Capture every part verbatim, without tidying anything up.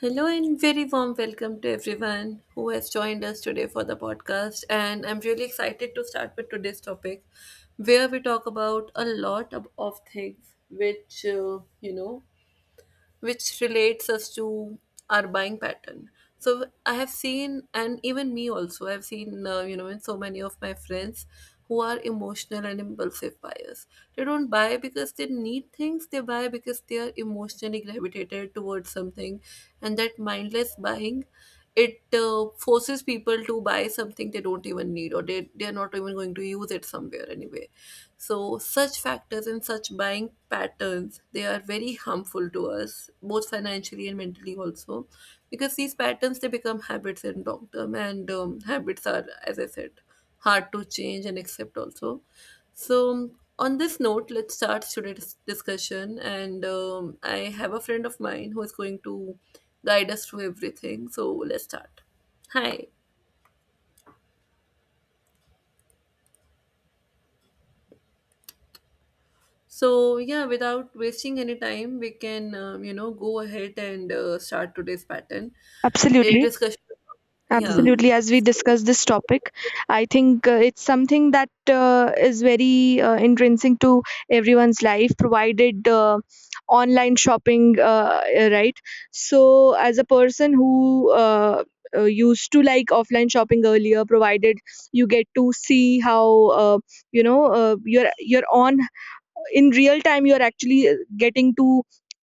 Hello and very warm welcome to everyone who has joined us today for the podcast. And I'm really excited to start with today's topic, where we talk about a lot of, of things which, uh, you know, which relates us to our buying pattern. So I have seen, and even me also, I've seen, uh, you know, in so many of my friends who are emotional and impulsive buyers. They don't buy because they need things, they buy because they are emotionally gravitated towards something. And that mindless buying, it uh, forces people to buy something they don't even need, or they, they're not even going to use it somewhere anyway. So such factors and such buying patterns, they are very harmful to us both financially and mentally also, because these patterns, they become habits in long term. And um, habits are, as I said, hard to change and accept also. So, on this note, let's start today's discussion. And um, I have a friend of mine who is going to guide us through everything. So, let's start. Hi. So, yeah, without wasting any time, we can, um, you know, go ahead and uh, start today's pattern. It Absolutely, Mm. discussion. Yeah. absolutely. As we discuss this topic, I think uh, it's something that uh, is very uh, intrinsic to everyone's life, provided uh, online shopping, uh, uh, right? So, as a person who uh, uh, used to like offline shopping earlier, provided you get to see how uh, you know uh, you're you're on in real time, you're actually uh, getting to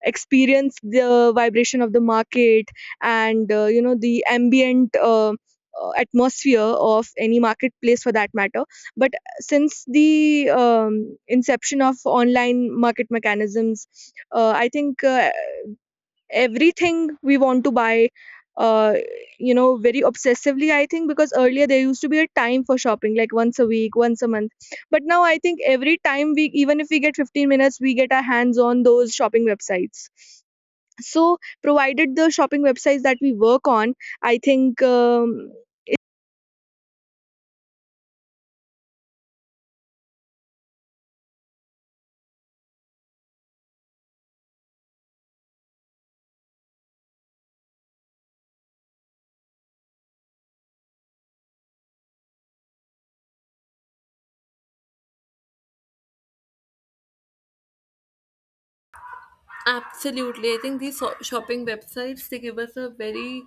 experience the vibration of the market and uh, you know the ambient uh, uh, atmosphere of any marketplace for that matter. But since the um, inception of online market mechanisms, uh, I think uh, everything we want to buy uh, you know, very obsessively. I think because earlier there used to be a time for shopping, like once a week, once a month, but now I think every time we even if we get fifteen minutes, we get our hands on those shopping websites. So, provided the shopping websites that we work on, I think um, Absolutely. I think these so- shopping websites, they give us a very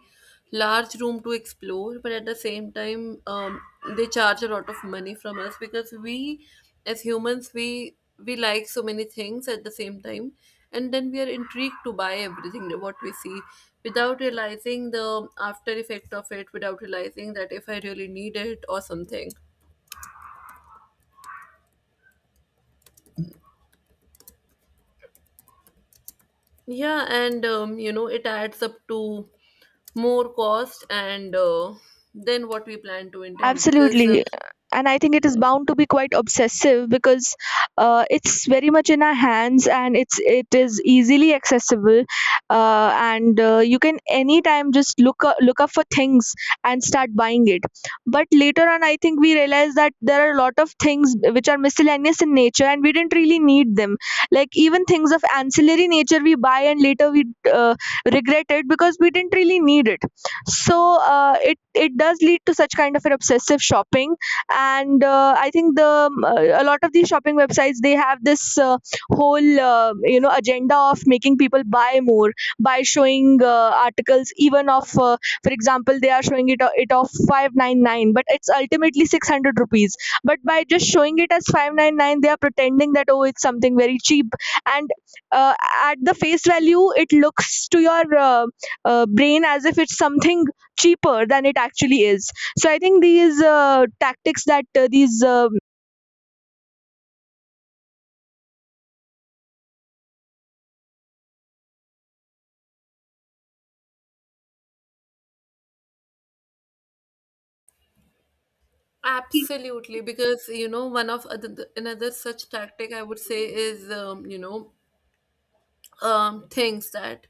large room to explore, but at the same time, um, they charge a lot of money from us, because we, as humans, we we like so many things at the same time, and then we are intrigued to buy everything that- what we see without realizing the after effect of it, without realizing that if I really need it or something. Yeah, and um, you know, it adds up to more cost and uh, then what we plan to intend, because uh, Absolutely. And I think it is yeah, bound to be quite obsessive because uh, it's very much in our hands, and it's it is easily accessible, uh, and uh, you can anytime just look up, look up for things and start buying it. But later on, I think we realize that there are a lot of things which are miscellaneous in nature and we didn't really need them. Like, even things of ancillary nature we buy and later we uh, regret it because we didn't really need it. So uh, it it does lead to such kind of an obsessive shopping. And uh, I think the um, uh, a lot of these shopping websites, they have this uh, whole uh, you know, agenda of making people buy more by showing uh, articles, even of, uh, for example, they are showing it o- it of five ninety-nine, but it's ultimately six hundred rupees. But by just showing it as five ninety-nine, they are pretending that, oh, it's something very cheap. And uh, at the face value it looks to your uh, uh, brain as if it's something cheaper than it actually is. So I think these uh, tactics that uh, these um absolutely. Because, you know, one of other, another such tactic I would say is, um, you know um, things that.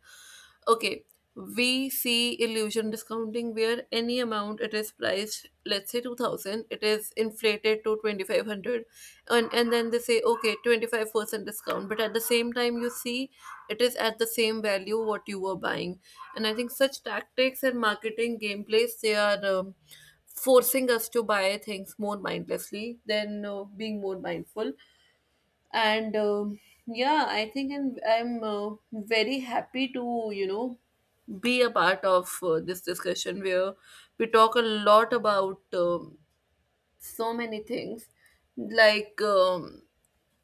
Okay, we see illusion discounting, where any amount it is priced, let's say two thousand, it is inflated to twenty-five hundred, and and then they say, okay, twenty-five percent discount, but at the same time you see it is at the same value what you were buying. And I think such tactics and marketing gameplays, they are, um, forcing us to buy things more mindlessly than uh, being more mindful. And um yeah, I think i'm, I'm uh, very happy to, you know be a part of uh, this discussion, where we talk a lot about, um, so many things, like, um,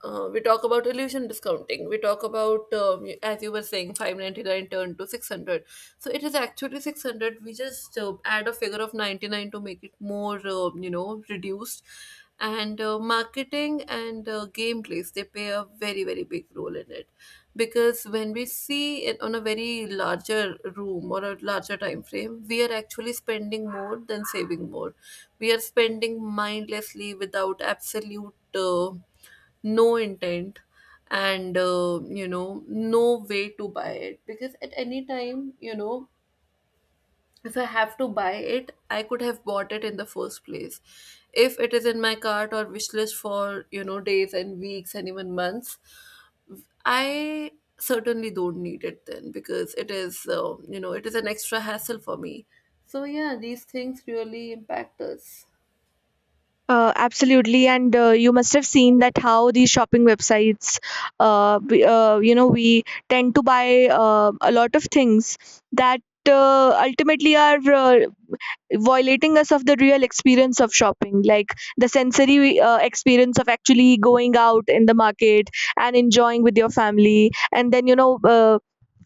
uh, we talk about illusion discounting. We talk about, um, as you were saying, five ninety-nine turned to six hundred. So it is actually six hundred. We just uh, add a figure of ninety-nine to make it more, uh, you know, reduced. And uh, marketing and uh, gameplays, they play a very, very big role in it. Because when we see it on a very larger room or a larger time frame, we are actually spending more than saving more. We are spending mindlessly without absolute. Uh, no intent and uh, you know no way to buy it, because at any time, you know, if I have to buy it, I could have bought it in the first place. If it is in my cart or wish list for, you know, days and weeks and even months, I certainly don't need it then, because it is uh, you know it is an extra hassle for me. So yeah, these things really impact us. uh, Absolutely. And uh, you must have seen that how these shopping websites, uh, we, uh, you know, we tend to buy uh, a lot of things that uh, ultimately are uh, violating us of the real experience of shopping, like the sensory uh, experience of actually going out in the market and enjoying with your family, and then you know, uh,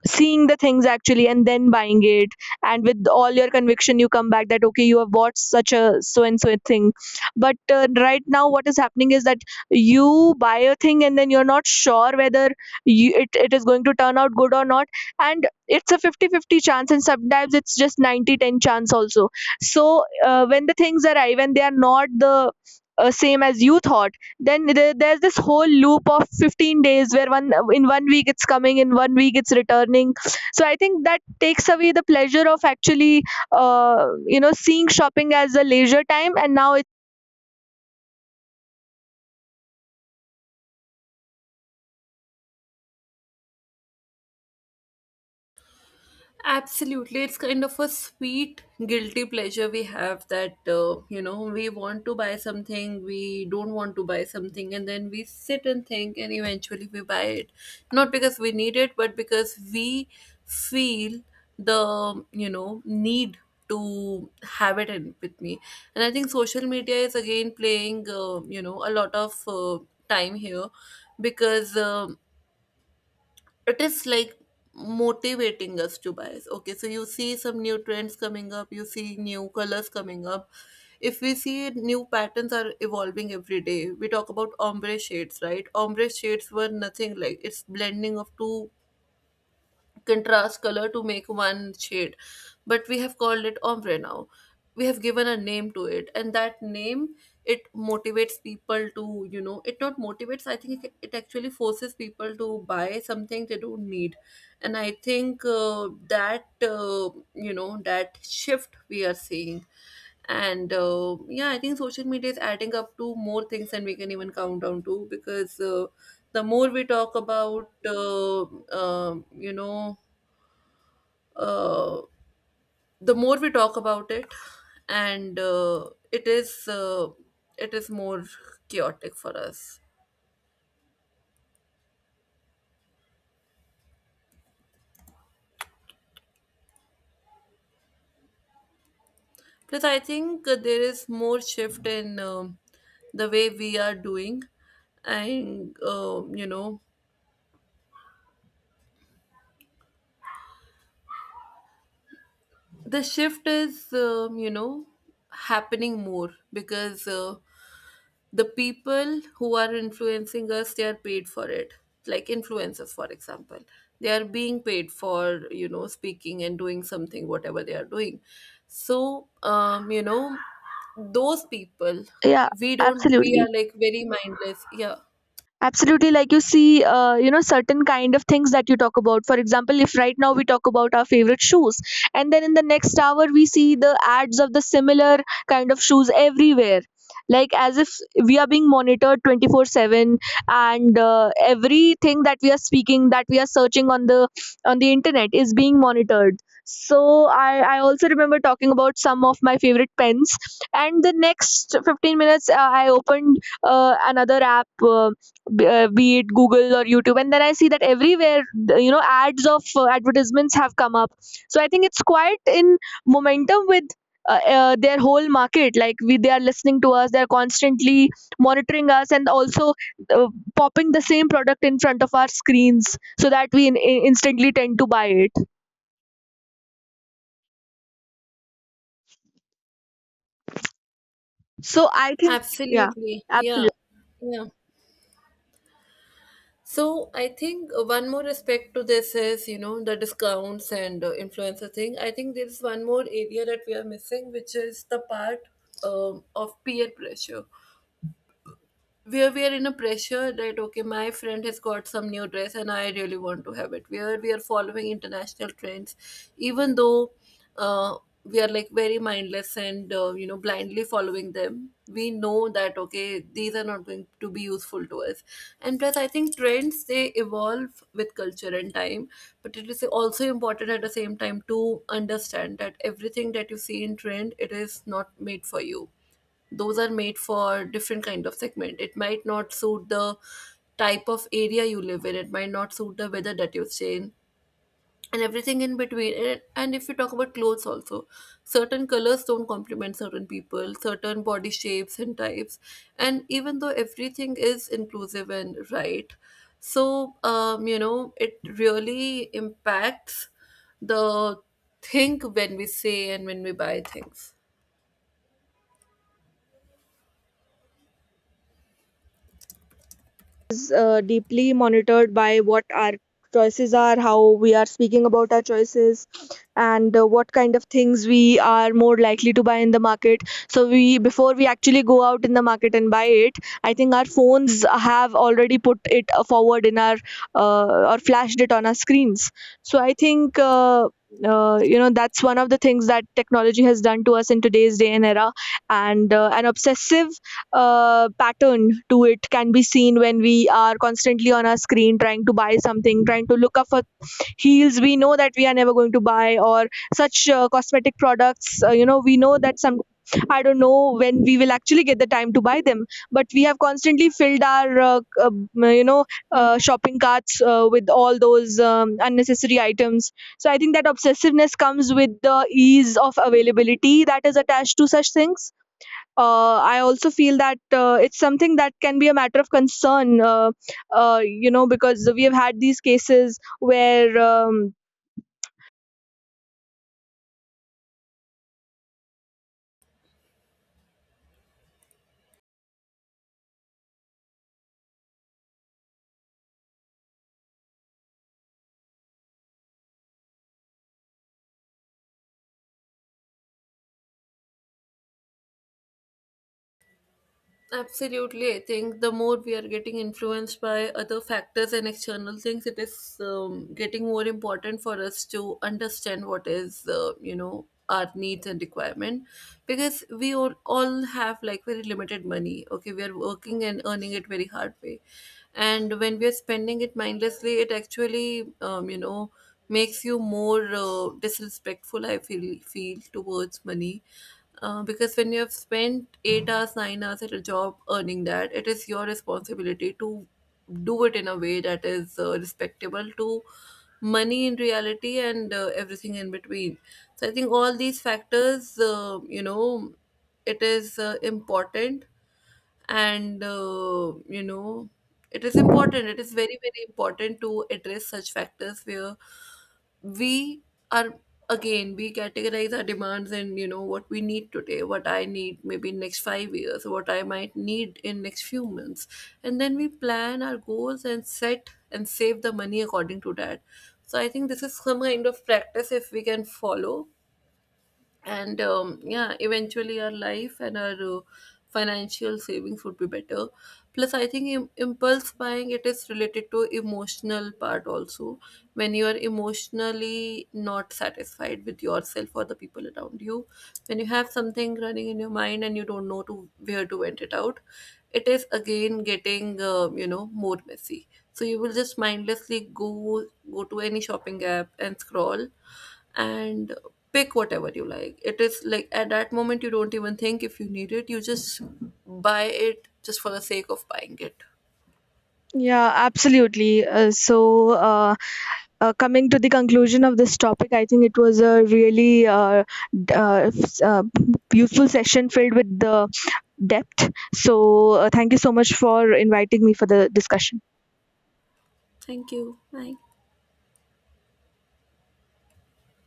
seeing the things actually and then buying it, and with all your conviction you come back that, okay, you have bought such a so and so thing. But uh, right now what is happening is that you buy a thing and then you're not sure whether you, it, it is going to turn out good or not. And it's a fifty-fifty fifty chance, and sometimes it's just ninety ten chance also. So uh, when the things arrive and they are not the uh, same as you thought, then there- there's this whole loop of fifteen days, where one in one week it's coming, in one week it's returning. So I think that takes away the pleasure of actually uh, you know, seeing shopping as a leisure time and now it. Absolutely. It's kind of a sweet, guilty pleasure we have, that, uh, you know, we want to buy something, we don't want to buy something, and then we sit and think, and eventually we buy it. Not because we need it, but because we feel the you know, need to have it in with me. And I think social media is again playing, uh, you know, a lot of uh, time here, because. Um it is like motivating us to buy. Okay, so you see some new trends coming up, you see new colors coming up. If we see, new patterns are evolving every day. We talk about ombre shades, right? Ombre shades were nothing, like, it's blending of two contrast color to make one shade, but we have called it ombre now. We have given a name to it, and that name, it motivates people to, you know, it, not motivates, I think, it it actually forces people to buy something they don't need. And I think uh, that uh, you know that shift we are seeing. And uh, yeah, I think social media is adding up to more things than we can even count down to, because uh, the more we talk about uh, um you know uh, the more we talk about it. And uh, it is uh, it is more chaotic for us. Plus, I think uh, there is more shift in um the way we are doing. And um, you know the shift is um, you know happening more, because uh, the people who are influencing us, they are paid for it. Like influencers, for example, they are being paid for, you know speaking and doing something, whatever they are doing. So um you know those people, Yeah. we don't we are Absolutely. like very mindless. Yeah, Absolutely, like you see, uh, you know, certain kind of things that you talk about. For example, if right now we talk about our favorite shoes, and then in the next hour we see the ads of the similar kind of shoes everywhere, like as if we are being monitored twenty-four seven, and uh, everything that we are speaking, that we are searching on the on the internet is being monitored. So I, I also remember talking about some of my favorite pens, and the next fifteen minutes uh, I opened uh, another app. Uh, b- uh, be it Google or YouTube, and then I see that everywhere th- you know, ads of uh, advertisements have come up. So I think it's quite in momentum with uh, uh, their whole market. Like we, they are listening to us, they are constantly monitoring us, and also uh, popping the same product in front of our screens so that we in, in- instantly tend to buy it. So I think. Yeah. absolutely. Yeah. Absolutely. Yeah. So I think one more aspect to this is, you know, the discounts and uh, influencer thing. I think there is one more area that we are missing, which is the part um, of peer pressure, where we are in a pressure that, okay, my friend has got some new dress and I really want to have it. Where we are following international trends, even though uh, we are like very mindless and uh, you know blindly following them. We know that, okay, these are not going to be useful to us. And plus, I think trends, they evolve with culture and time, but it is also important at the same time to understand that everything that you see in trend, it is not made for you. Those are made for different kind of segment. It might not suit the type of area you live in. It might not suit the weather that you stay in, and everything in between. And, and if you talk about clothes also, certain colors don't complement certain people, certain body shapes and types, and even though everything is inclusive and right. So um, you know it really impacts the think when we say and when we buy things. Is uh, deeply monitored by what our choices are, how we are speaking about our choices, and uh, what kind of things we are more likely to buy in the market. So we before we actually go out in the market and buy it, I think our phones have already put it uh, forward in our uh, or flashed it on our screens. So I think. Uh, uh, you know, that's one of the things that technology has done to us in today's day and era. And uh, an obsessive uh, pattern to it can be seen when we are constantly on our screen trying to buy something, trying to look up for heels we know that we are never going to buy, or such uh, cosmetic products. Uh, you know, we know that some. I don't know when we will actually get the time to buy them, but we have constantly filled our, uh, uh, you know, uh, shopping carts uh, with all those um, unnecessary items. So I think that obsessiveness comes with the ease of availability that is attached to such things. uh, I also feel that uh, it's something that can be a matter of concern, uh, uh, you know, because we have had these cases where, um, Absolutely, I think the more we are getting influenced by other factors and external things, it is um, getting more important for us to understand what is, uh, you know, our needs and requirement, because we all, all have like very limited money. Okay, we are working and earning it very hard way, and when we are spending it mindlessly, it actually, um, you know, makes you more uh, disrespectful. I feel feel towards money, uh, because when you have spent eight hours, nine hours at a job earning that, it is your responsibility to do it in a way that is uh, respectable to money in reality and uh, everything in between. So I think all these factors, uh, you know, it is uh, important. And uh, you know it is important, it is very, very important to address such factors where we are again we categorize our demands. And, you know, what we need today, what I need maybe in next five years, what I might need in next few months. And then we plan our goals and set and save the money according to that. So I think this is some kind of practice, if we can follow. And um, yeah, eventually our life and our uh, financial savings would be better. Plus I think Im- impulse buying, it is related to emotional part also. When you are emotionally not satisfied with yourself or the people around you, when you have something running in your mind and you don't know to where to vent it out, it is again getting uh, you know more messy. So you will just mindlessly go go to any shopping app and scroll, and pick whatever you like. It is like at that moment you don't even think if you need it, you just buy it just for the sake of buying it. yeah, absolutely. Uh, so, uh, uh, coming to the conclusion of this topic, I think it was a really uh, d- uh, s- uh, useful session filled with the depth. So, uh, thank you so much for inviting me for the discussion. Thank you. Bye.